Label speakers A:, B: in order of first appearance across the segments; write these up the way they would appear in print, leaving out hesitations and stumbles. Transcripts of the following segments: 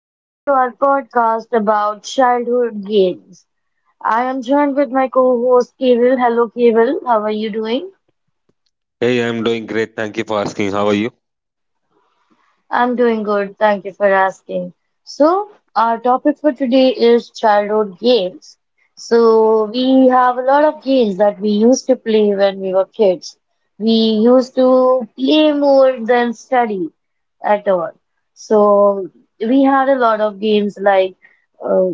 A: Welcome to our podcast about childhood games. I am joined with my co host, Kirill. Hello, Kirill. How are you doing?
B: Hey, I'm doing great. Thank you for asking. How are you?
A: I'm doing good. Thank you for asking. So, our topic for today is childhood games. So, we have a lot of games that we used to play when we were kids. We used to play more than study at all. So, we had a lot of games uh,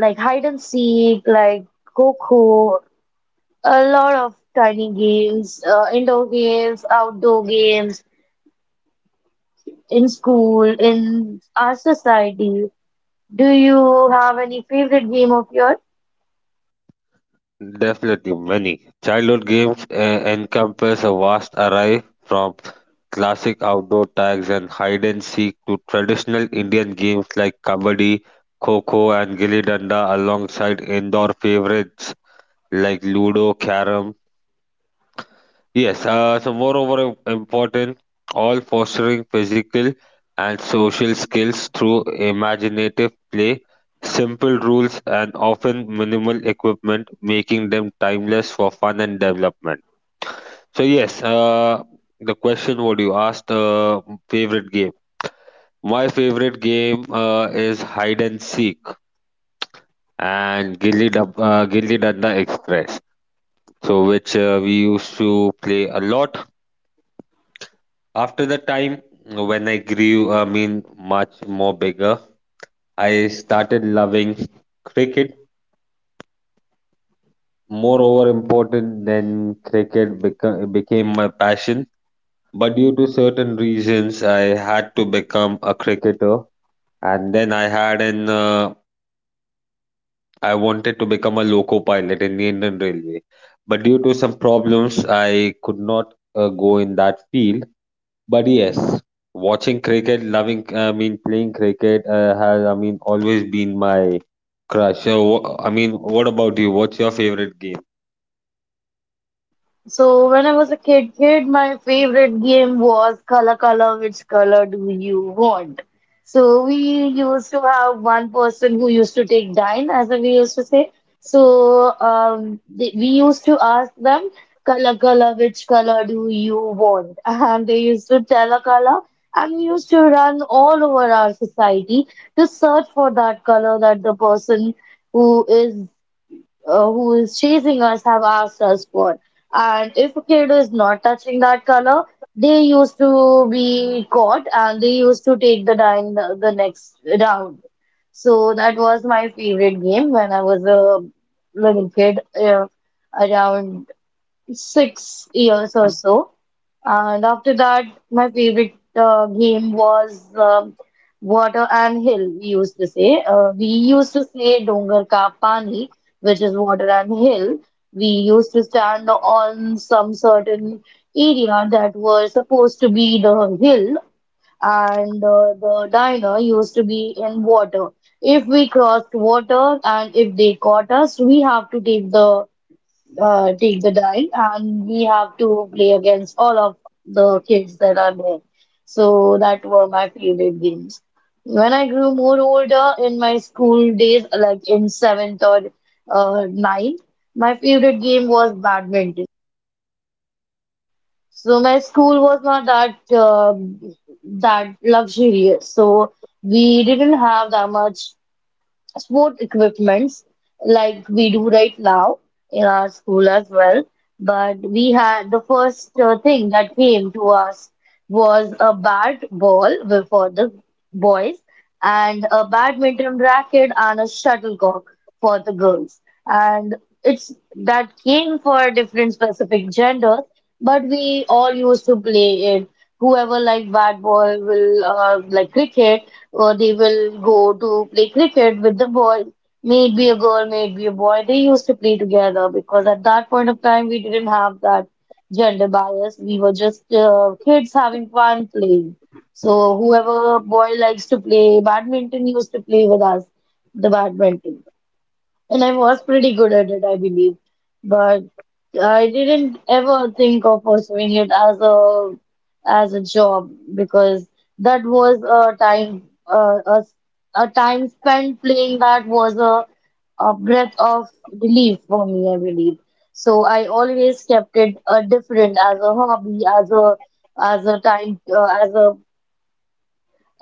A: like hide and seek, like Coco, a lot of tiny games, indoor games, outdoor games in school, in our society. Do you have any favorite game of yours?
B: Definitely many. Childhood games encompass a vast array from classic outdoor tags and hide and seek to traditional Indian games like kabaddi, kho-kho, and gilli danda, alongside indoor favorites like ludo, carom. Yes, so moreover important, all fostering physical and social skills through imaginative play, simple rules, and often minimal equipment, making them timeless for fun and development. So yes, the question what you asked, favorite game. My favorite game is hide and seek and Gilli Danda Express. So which we used to play a lot. After the time when I grew, I mean, much more bigger, I started loving cricket. Moreover, important than cricket became my passion. But due to certain reasons, I had to become a cricketer, and then I had an I wanted to become a loco pilot in the Indian Railway. But due to some problems, I could not go in that field. But yes, watching cricket, loving, I mean, playing cricket has, I mean, always been my crush. So, what about you? What's your favorite game?
A: So when I was a kid, my favorite game was Color Color, which color do you want? So we used to have one person who used to take dime, as we used to say. So they, we used to ask them, Color Color, which color do you want? And they used to tell a color, and we used to run all over our society to search for that color that the person who is who is chasing us have asked us for. And if a kid is not touching that color, they used to be caught and they used to take the dime the next round. So that was my favorite game when I was a little kid, around 6 years or so. And after that, my favorite game was Water and Hill, we used to say. We used to say Dongar Ka Pani, which is Water and Hill. We used to stand on some certain area that was supposed to be the hill, and the diner used to be in water. If we crossed water and if they caught us, we have to take the dial and we have to play against all of the kids that are there. So that were my favorite games. When I grew more older in my school days, like in seventh or ninth, my favorite game was badminton. So my school was not that that luxurious. So we didn't have that much sport equipments like we do right now in our school as well. But we had the first thing that came to us was a bat ball for the boys and a badminton racket and a shuttlecock for the girls. And it's that came for different specific genders, but we all used to play it whoever like bad boy will like cricket or they will go to play cricket with the boy, may it be a girl, may it be a boy, they used to play together because at that point of time we didn't have that gender bias. We were just kids having fun playing. So whoever boy likes to play badminton used to play with us the badminton, and I was pretty good at it, I believe. But I didn't ever think of pursuing it as a job because that was a time a time spent playing. That was a breath of relief for me, I believe. So I always kept it different as a hobby, as a time as a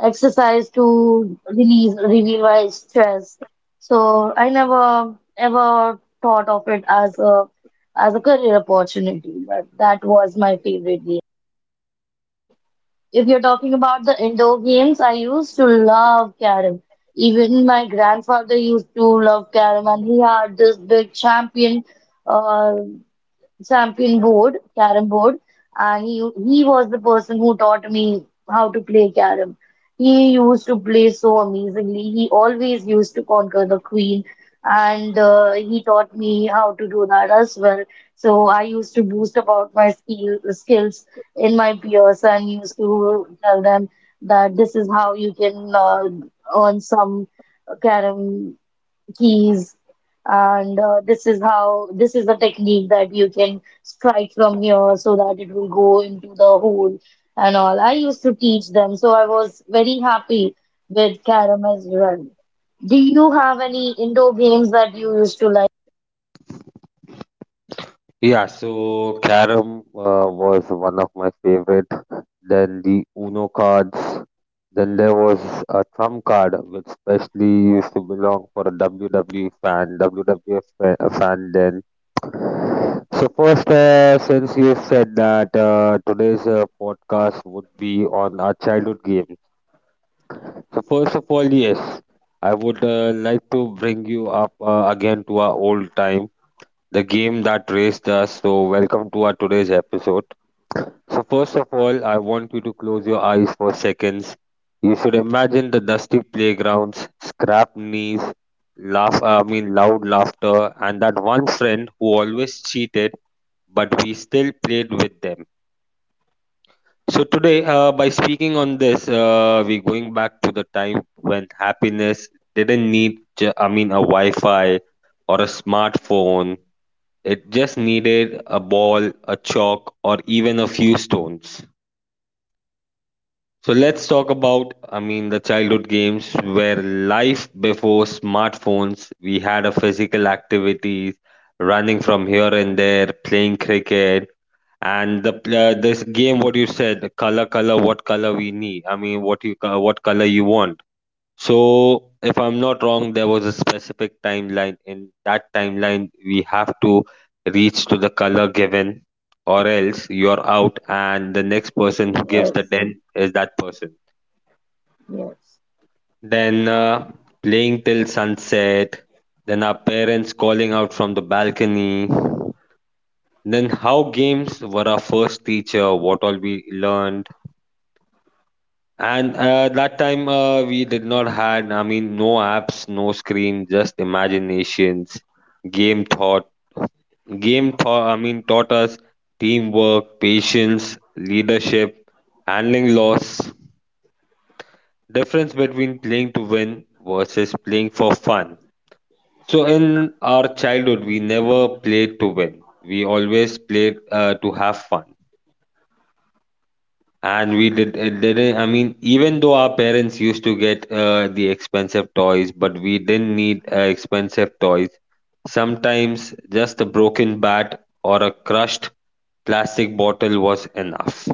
A: exercise to release, relieve my stress. So I never ever thought of it as a career opportunity, but that was my favorite game. If you're talking about the indoor games, I used to love carom. Even my grandfather used to love carom, and he had this big champion. uh, Champion board, carom board, and he was the person who taught me how to play carom. He used to play so amazingly. He always used to conquer the queen, and he taught me how to do that as well. So I used to boast about my skills in my peers and used to tell them that this is how you can earn some carom keys, and this is how, this is the technique that you can strike from here so that it will go into the hole and all. I used to teach them, so I was very happy with carom as well. Do you have any indoor games that you used to like?
B: Yeah, so carom was one of my favorite. Then the Uno cards. Then there was a trump card, which specially used to belong for a WWE fan, WWF fan then. So first, since you said that today's podcast would be on our childhood games. So first of all, yes, I would like to bring you up again to our old time, the game that raised us. So, welcome to our today's episode. So, first of all, I want you to close your eyes for seconds. You should imagine the dusty playgrounds, scrap knees, laugh, I mean, loud laughter, and that one friend who always cheated, but we still played with them. So, today, by speaking on this, we're going back to the time when happiness didn't need, a Wi Fi or a smartphone. It just needed a ball, a chalk, or even a few stones. So let's talk about, I mean, the childhood games where life before smartphones, we had a physical activities, running from here and there, playing cricket, and the this game. What you said, color, color, what color we need. I mean, what you what color you want. So, if I'm not wrong, there was a specific timeline. In that timeline, we have to reach to the color given, or else you're out, and the next person who gives the
A: Yes,
B: den is that person.
A: yes.
B: Then playing till sunset, then our parents calling out from the balcony, then how games were our first teacher, what all we learned. And that time we did not had, I mean, no apps, no screen, just imaginations. Game thought, game thought. I mean, taught us teamwork, patience, leadership, handling loss. Difference between playing to win versus playing for fun. So in our childhood, we never played to win. We always played to have fun. And we did, it didn't, I mean, even though our parents used to get the expensive toys, but we didn't need expensive toys. Sometimes just a broken bat or a crushed plastic bottle was enough.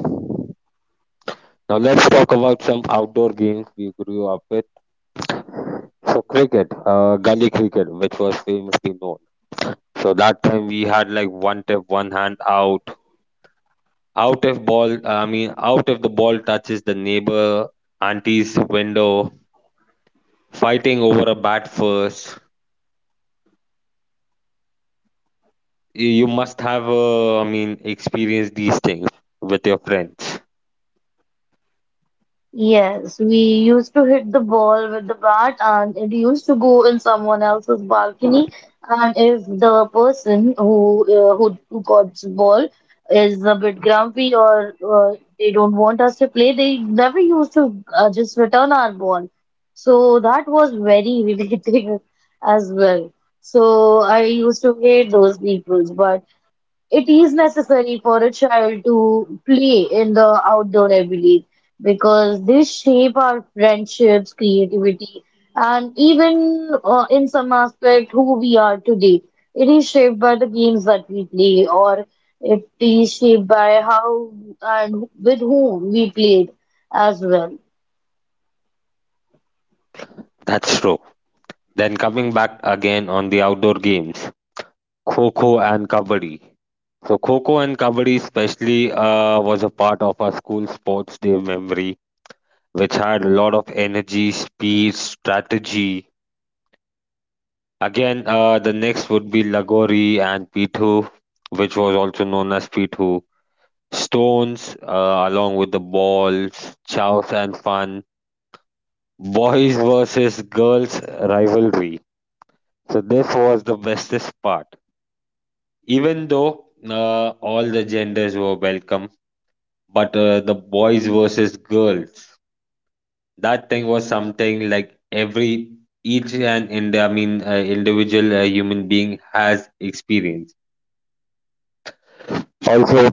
B: Now let's talk about some outdoor games we grew up with. So cricket, gully cricket, which was famously known. So that time we had like one tip, one hand out, out if ball, I mean, out if the ball touches the neighbor auntie's window, fighting over a bat first. You must have, I mean, experienced these things with your friends.
A: Yes, we used to hit the ball with the bat and it used to go in someone else's balcony. And if the person who got the ball is a bit grumpy, or they don't want us to play, they never used to just return our ball. So that was very irritating as well. So I used to hate those people, but it is necessary for a child to play in the outdoor, I believe, because they shape our friendships, creativity, and even in some aspect, who we are today. It is shaped by the games that we play, or it is shaped by how and with whom we played as well.
B: That's true. Then coming back again on the outdoor games, Kho-Kho and Kabaddi. So Kho-Kho and Kabaddi especially was a part of our school sports day memory, which had a lot of energy, speed, strategy. Again, the next would be Lagori and Pitu, which was also known as Pitu. Stones, along with the balls, chows and fun. Boys versus girls rivalry. So this was the bestest part. Even though all the genders were welcome, but the boys versus girls, that thing was something like every each and in, I mean individual human being has experienced. Also,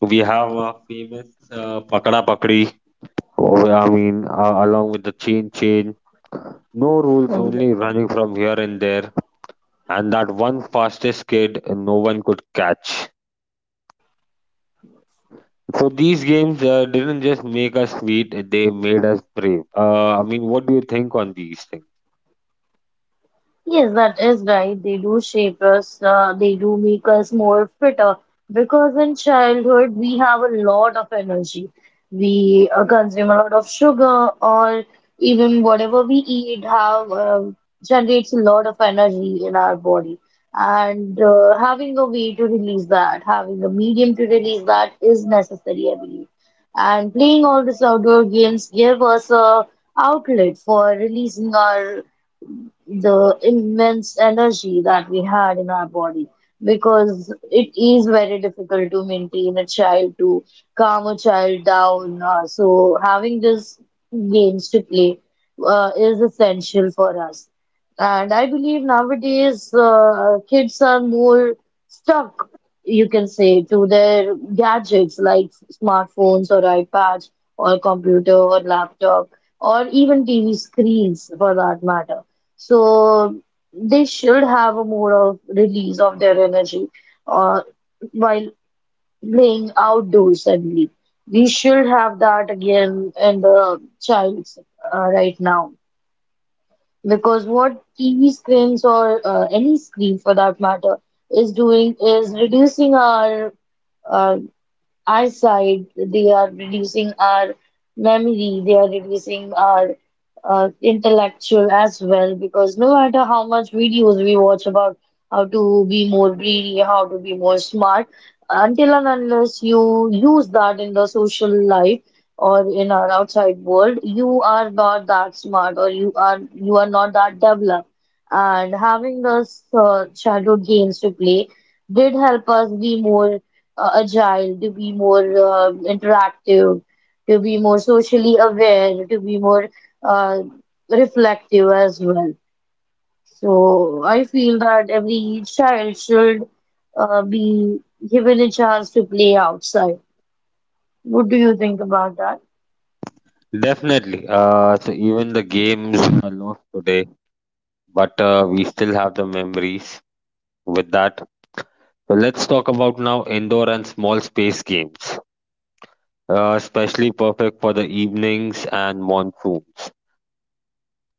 B: we have a famous pakda pakdi. Oh, I mean, along with the chain chain. No rules, only running from here and there. And that one fastest kid, no one could catch. So these games didn't just make us sweet; they made us brave. I mean, what do you think on these things?
A: Yes, that is right. They do shape us, they do make us more fitter because in childhood we have a lot of energy. We consume a lot of sugar, or even whatever we eat have generates a lot of energy in our body. And having a way to release that, having a medium to release that is necessary, I believe. And playing all these outdoor games give us a outlet for releasing our the immense energy that we had in our body because it is very difficult to maintain a child to calm a child down, so having these games to play is essential for us. And I believe nowadays kids are more stuck, you can say, to their gadgets like smartphones or ipads or computer or laptop or even tv screens for that matter. So they should have a more of release of their energy uh, while playing outdoors suddenly. We should have that again in the childs right now, because what TV screens or any screen for that matter is doing is reducing our uh, eyesight, they are reducing our memory, they are reducing our intellectual as well. Because no matter how much videos we watch about how to be more brainy, how to be more smart, until and unless you use that in the social life or in our outside world, you are not that smart, or you are not that developed. And having those childhood games to play did help us be more agile, to be more interactive, to be more socially aware, to be more uh, reflective as well. So I feel that every child should be given a chance to play outside. What do you think about that?
B: Definitely. So even the games are lost today, but we still have the memories with that. So let's talk about now indoor and small space games, especially perfect for the evenings and monsoons,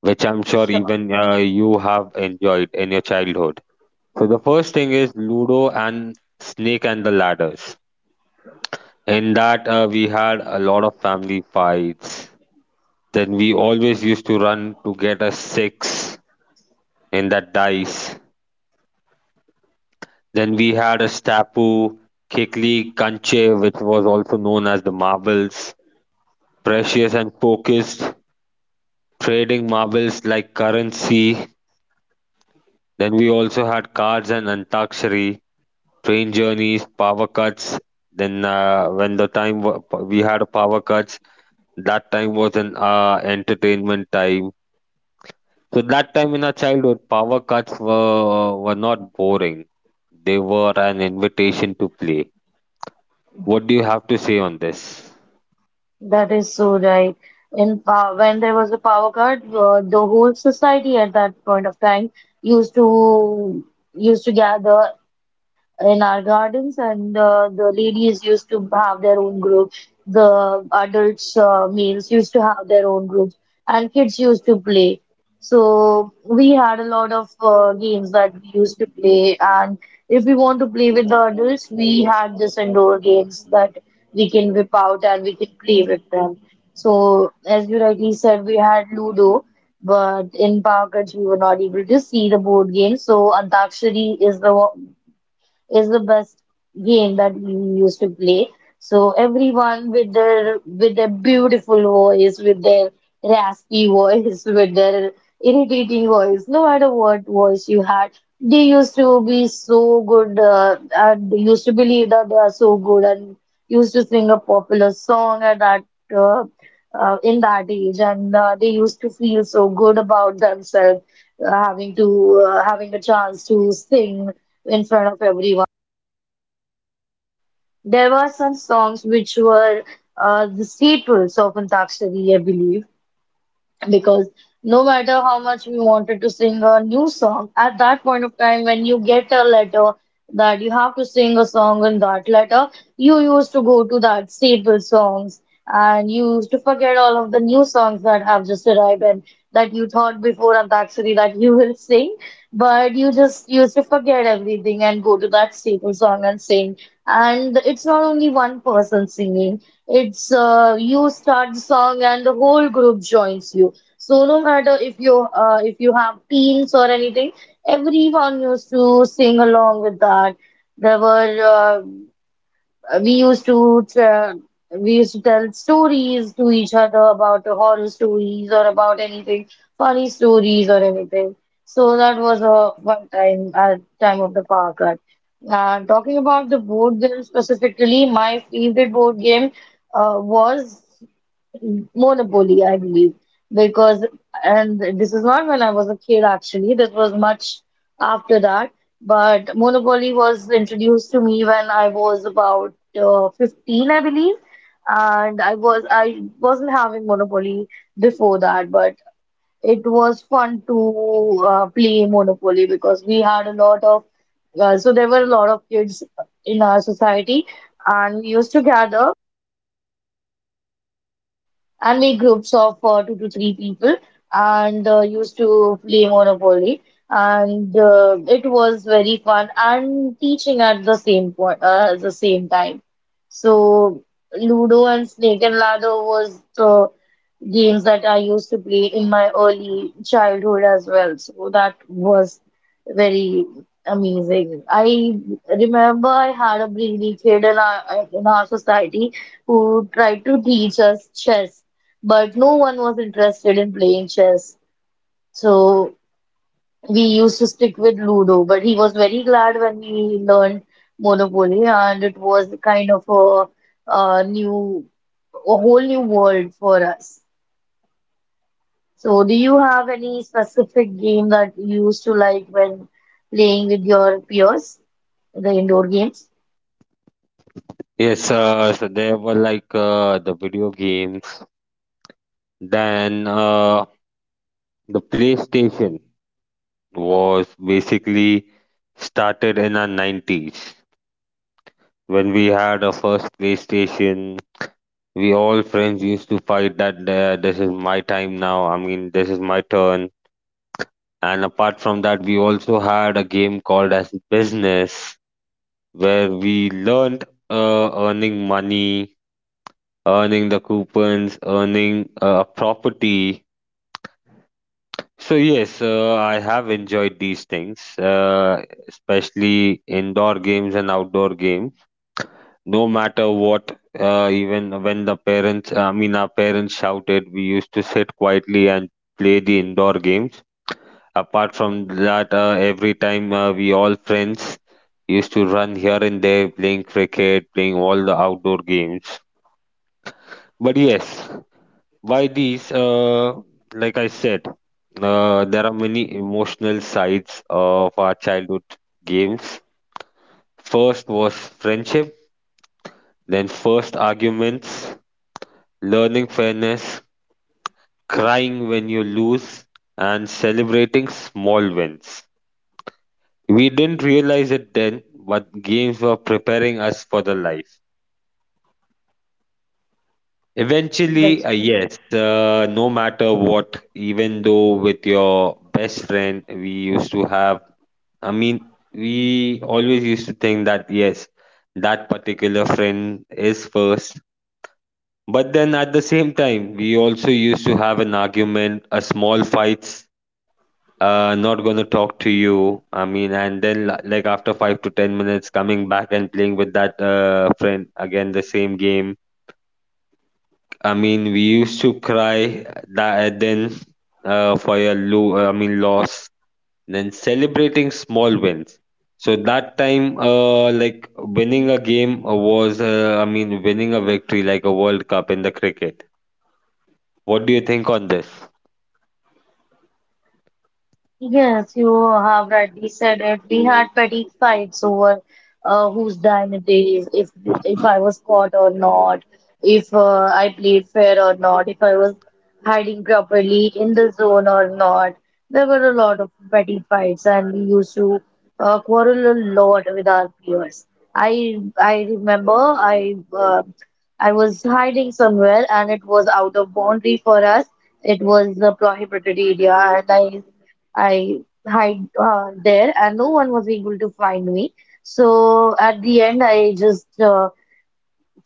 B: which I'm sure
A: Sure,
B: even you have enjoyed in your childhood. So the first thing is Ludo and Snake and the Ladders. In that, we had a lot of family fights. Then we always used to run to get a six in that dice. Then we had a stapu, kikli, kanche, which was also known as the marbles, precious and focused, trading marbles like currency. Then we also had cards and antakshari, train journeys, power cuts. Then when the time we had power cuts, that time was an entertainment time. So that time in our childhood, power cuts were not boring. They were an invitation to play. What do you have to say on this?
A: that is so right. In pow When there was a power cut, the whole society at that point of time used to gather in our gardens, and the ladies used to have their own group. The adults, males used to have their own groups, and kids used to play. So we had a lot of games that we used to play, and if we want to play with the adults, we had this indoor games that we can whip out and we can play with them. So as you rightly said, we had Ludo, but in Power Cards we were not able to see the board game. So Antakshari is the best game that we used to play. So everyone with their beautiful voice, with their raspy voice, with their irritating voice, no matter what voice you had, they used to be so good, and they used to believe that they are so good and used to sing a popular song at that uh, in that age, and they used to feel so good about themselves having to having a chance to sing in front of everyone. There were some songs which were the staples of Antakshari, I believe, because no matter how much we wanted to sing a new song, at that point of time when you get a letter that you have to sing a song in that letter, you used to go to that staple songs and you used to forget all of the new songs that have just arrived and that you thought before Antakshari that you will sing, but you just used to forget everything and go to that staple song and sing. And it's not only one person singing. It's you start the song and the whole group joins you. So no matter if you have teens or anything, everyone used to sing along with that. There were uh, we used to tell, we used to tell stories to each other about the horror stories or about anything, funny stories or anything. So that was a one time at time of the park ride. And talking about the board game specifically, my favorite board game was monopoly, I believe, because and this is not when I was a kid actually. This was much after that. But Monopoly was introduced to me when I was about 15, I believe, and I wasn't having Monopoly before that, but it was fun to play Monopoly because we had a lot of So there were a lot of kids in our society, and we used to gather. Only groups of two to three people and used to play Monopoly. And it was very fun and teaching at the same at the same time. So Ludo and Snake and Ladder was the games that I used to play in my early childhood as well. So that was very amazing. I remember I had a brainy kid in our society who tried to teach us chess, but no one was interested in playing chess. So we used to stick with Ludo, but he was very glad when we learned Monopoly, and it was kind of a new, a whole new world for us. So do you have any specific game that you used to like when playing with your peers, the indoor games?
B: Yes, so there were like the video games, then the PlayStation was basically started in our 90s when we had our first PlayStation. We all friends used to fight that this is my time now. I mean, this is my turn. And apart from that, we also had a game called as business where we learned earning money, earning the coupons, earning a property. So yes, I have enjoyed these things, especially indoor games and outdoor games. No matter what, even when the parents, I mean, our parents shouted, we used to sit quietly and play the indoor games. Apart from that, every time we all friends used to run here and there, playing cricket, playing all the outdoor games. But yes, by these, like I said, there are many emotional sides of our childhood games. First was friendship, then first arguments, learning fairness, crying when you lose, and celebrating small wins. We didn't realize it then, but games were preparing us for the life. Eventually,
A: That's all.
B: yes, no matter what, even though with your best friend, we used to have, I mean, we always used to think that, yes, that particular friend is first. But then at the same time, we also used to have an argument, a small fights, not gonna talk to you. I mean, and then like after 5 to 10 minutes coming back and playing with that friend again the same game. I mean, we used to cry that. Then for a loss, then celebrating small wins. So that time, like winning a game was, I mean, winning a victory like a world cup in the cricket. What do you think on this?
A: Yes, you have rightly said it. We had petty fights over whose dime it is, if I was caught or not, if I played fair or not, if I was hiding properly in the zone or not. There were a lot of petty fights, and we used to quarrel a lot with our peers. I remember I uh, I was hiding somewhere, and it was out of boundary for us. It was a prohibited area, and I hide there, and no one was able to find me. So at the end, I just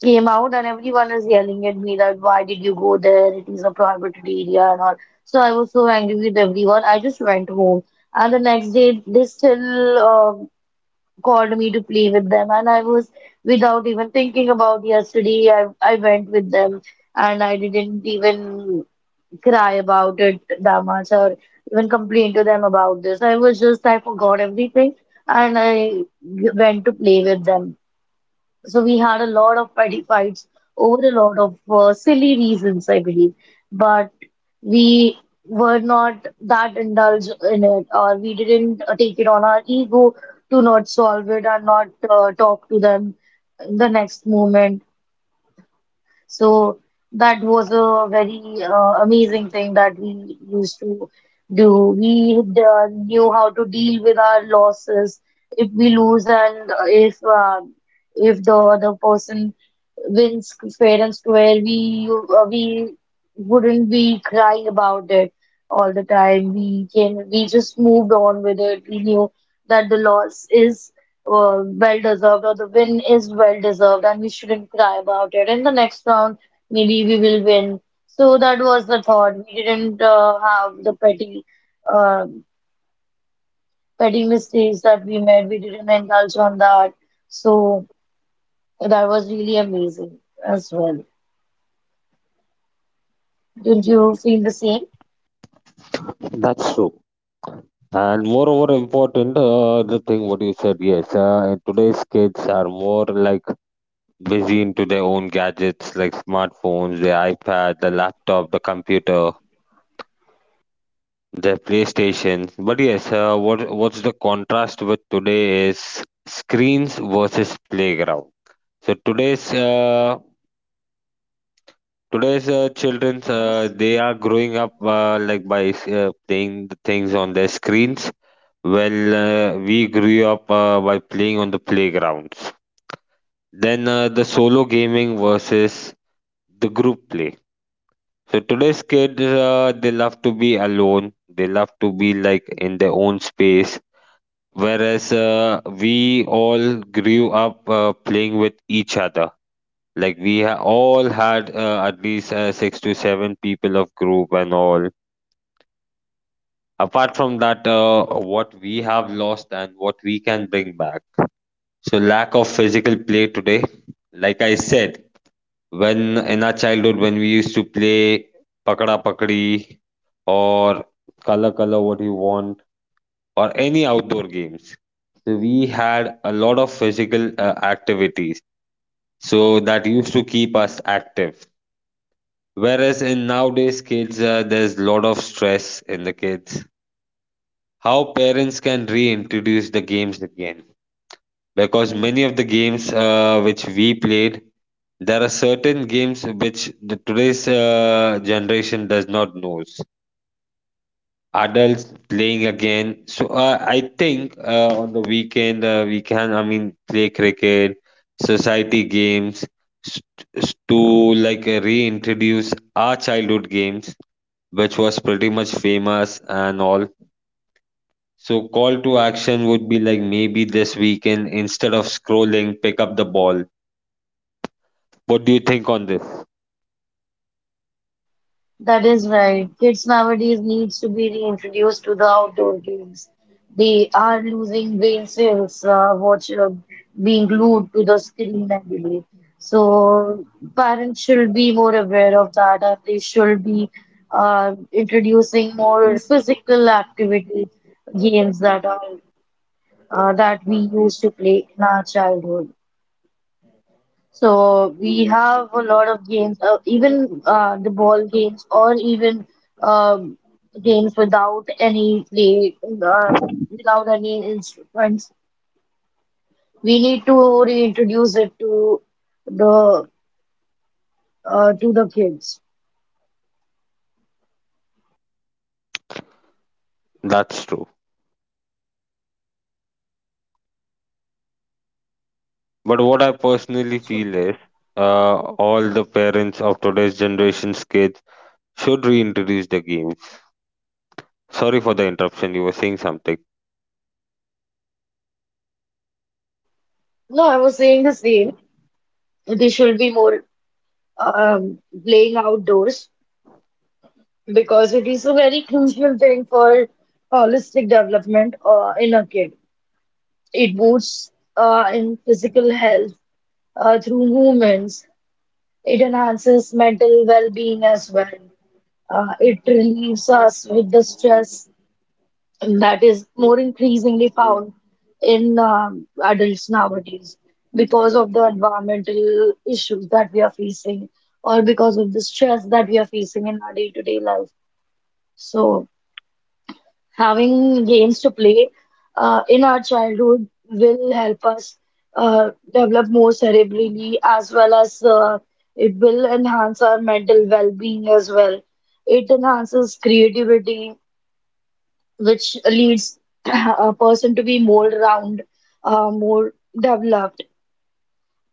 A: came out, and everyone is yelling at me that why did you go there? It is a prohibited area and all. So I was so angry with everyone. I just went home, and the next day they still called me to play with them, and I was without even thinking about yesterday. I went with them, and I didn't even cry about it that much or even complain to them about this. I was just, I forgot everything and I went to play with them. So we had a lot of petty fights over a lot of silly reasons, I believe. But we were not that indulged in it or we didn't take it on our ego to not solve it and not talk to them in the next moment. So that was a very amazing thing that we used to do. We knew how to deal with our losses if we lose and if the other person wins fair and square, we wouldn't be crying about it all the time. We just moved on with it. We knew that the loss is well deserved or the win is well deserved and we shouldn't cry about it. In the next round, maybe we will win. So that was the thought. We didn't have the uh, petty mistakes that we made. We didn't indulge on that. So that was really amazing as well. Didn't you feel the same?
B: That's true. And moreover, important, the thing what you said, yes. And today's kids are more like busy into their own gadgets like smartphones, the iPad, the laptop, the computer, their PlayStation. But yes, what's the contrast with today is screens versus playground. So today's children,
A: Yes.
B: they are growing up like by playing the things on their screens. Well, we grew up by playing on the playgrounds. Then the solo gaming versus the group play. So today's kids, they love to be alone. They love to be like in their own space. Whereas we all grew up playing with each other. Like we all had at least six to seven people of group and all. Apart from that, what we have lost and what we can bring back. So lack of physical play today. Like I said, when in our childhood when we used to play pakada pakadi or color color what you want or any outdoor games. So we had a lot of physical activities. So that used to keep us active. Whereas in nowadays kids, there's a lot of stress in the kids. How parents can reintroduce the games again? Because many of the games which we played, there are certain games which the today's generation does not knows. Adults playing again. So I think on the weekend we can, I mean, play cricket, society games, s- to like reintroduce our childhood games which was pretty much famous and all. So call to action would be like maybe this weekend instead of scrolling, pick up the ball. What do you think on this?
A: That is right. Kids nowadays needs to be reintroduced to the outdoor games. They are losing brain cells, watch being glued to the screen, I believe. So parents should be more aware of that, and they should be introducing more physical activity games that are that we used to play in our childhood. So we have a lot of games, even the ball games, or even um, games without any play, uh, without any instruments. We need to reintroduce it the to the kids.
B: That's true. But what I personally
A: So
B: feel is, all the parents of today's generation's kids should reintroduce the games. Sorry for the interruption. You were saying something.
A: no, I was saying the same. They should be more um, playing outdoors because it is a very crucial thing for holistic development in a kid. It boosts in physical health through movements. It enhances mental well-being as well. It relieves us with the stress that is more increasingly found in adults nowadays because of the environmental issues that we are facing or because of the stress that we are facing in our day-to-day life. So, having games to play in our childhood will help us develop more cerebrally as well as it will enhance our mental well-being as well. It enhances creativity, which leads a person to be more round, more developed.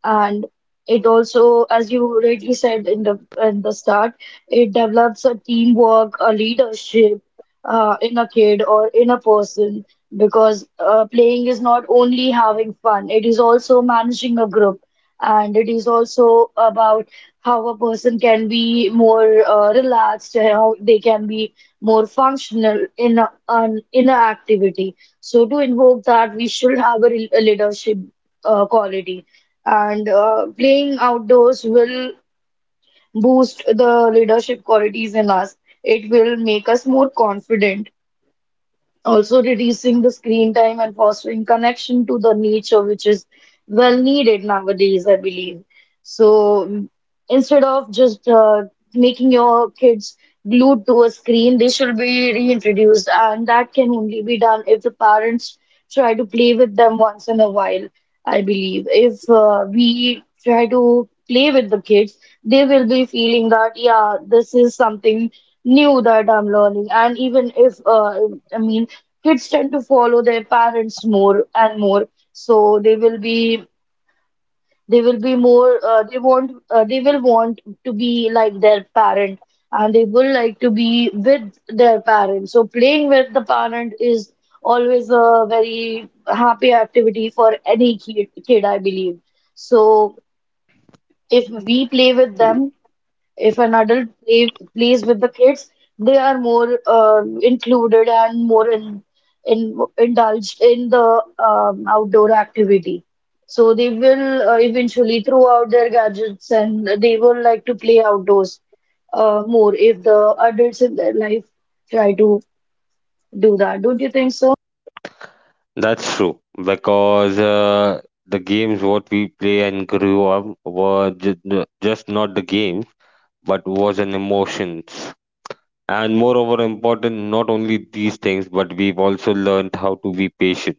A: And it also, as you already said in the start, it develops a teamwork, a leadership in a kid or in a person because playing is not only having fun, it is also managing a group. And it is also about how a person can be more relaxed, how they can be more functional in a, an in a activity. So to invoke that, we should have a leadership quality and playing outdoors will boost the leadership qualities in us. It will make us more confident, also reducing the screen time and fostering connection to the nature, which is well needed nowadays, I believe. So instead of just making your kids glued to a screen, they should be reintroduced, and that can only be done if the parents try to play with them once in a while, I believe. If we try to play with the kids, they will be feeling that, yeah, this is something new that I'm learning. And even if, I mean, kids tend to follow their parents more and more, so they will be more, they will want to be like their parent and they will like to be with their parents. So playing with the parent is always a very happy activity for any kid, I believe. So if we play with them, if an adult plays with the kids, they are more included and more indulged in the outdoor activity. So they will eventually throw out their gadgets and they will like to play outdoors more if the adults in their life try to do that. Don't you think so?
B: That's true because the games what we play and grew up were just not the games, but was an emotions. And moreover, important, not only these things, but we've also learned how to be patient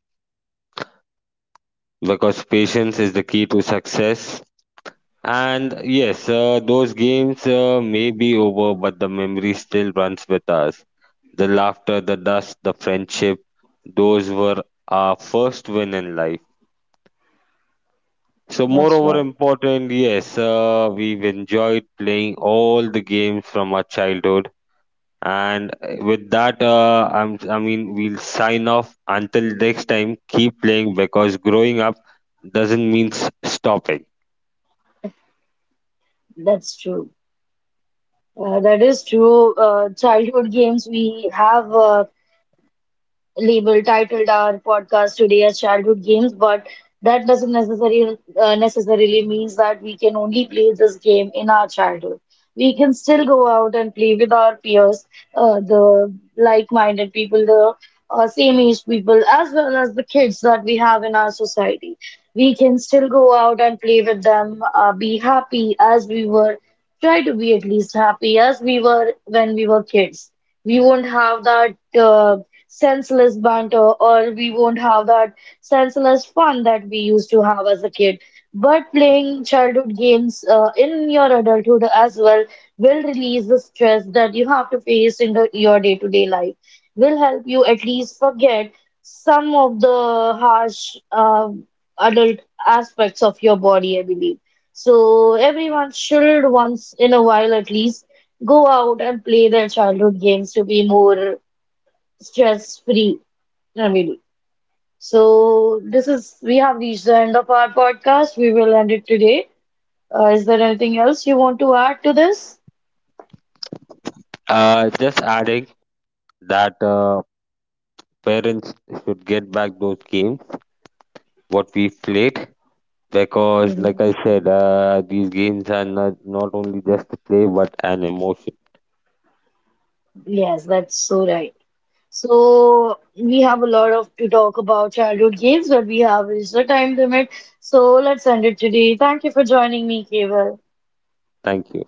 B: because patience is the key to success. And yes, those games may be over, but the memory still runs with us. The laughter, the dust, the friendship, those were our first win in life. So,
A: That's
B: moreover,
A: right.
B: important, yes, we've enjoyed playing all the games from our childhood. And with that, I'm, I mean, we'll sign off. Until next time, keep playing because growing up doesn't mean stopping.
A: That's true. That is true. Childhood games, we have label titled our podcast today as childhood games, but that doesn't necessarily means that we can only play this game in our childhood. We can still go out and play with our peers, the like-minded people, the same age people, as well as the kids that we have in our society. We can still go out and play with them, be happy as we were, try to be at least happy as we were when we were kids. We won't have that senseless banter or we won't have that senseless fun that we used to have as a kid. But playing childhood games in your adulthood as well will release the stress that you have to face in your day-to-day life. Will help you at least forget some of the harsh adult aspects of your body, I believe. So everyone should once in a while at least go out and play their childhood games to be more stress-free than we do. So this is we have reached the end of our podcast. We will end it today. Is there anything else you want to add to this?
B: Just adding that parents should get back those games what we played because, like
A: Mm.
B: I said, these games are not, only just a play but an emotion.
A: Yes, that's so right. So we have a lot of to talk about childhood games, but we have reached the time limit. So let's end it today. Thank you for joining me, Keval.
B: Thank you.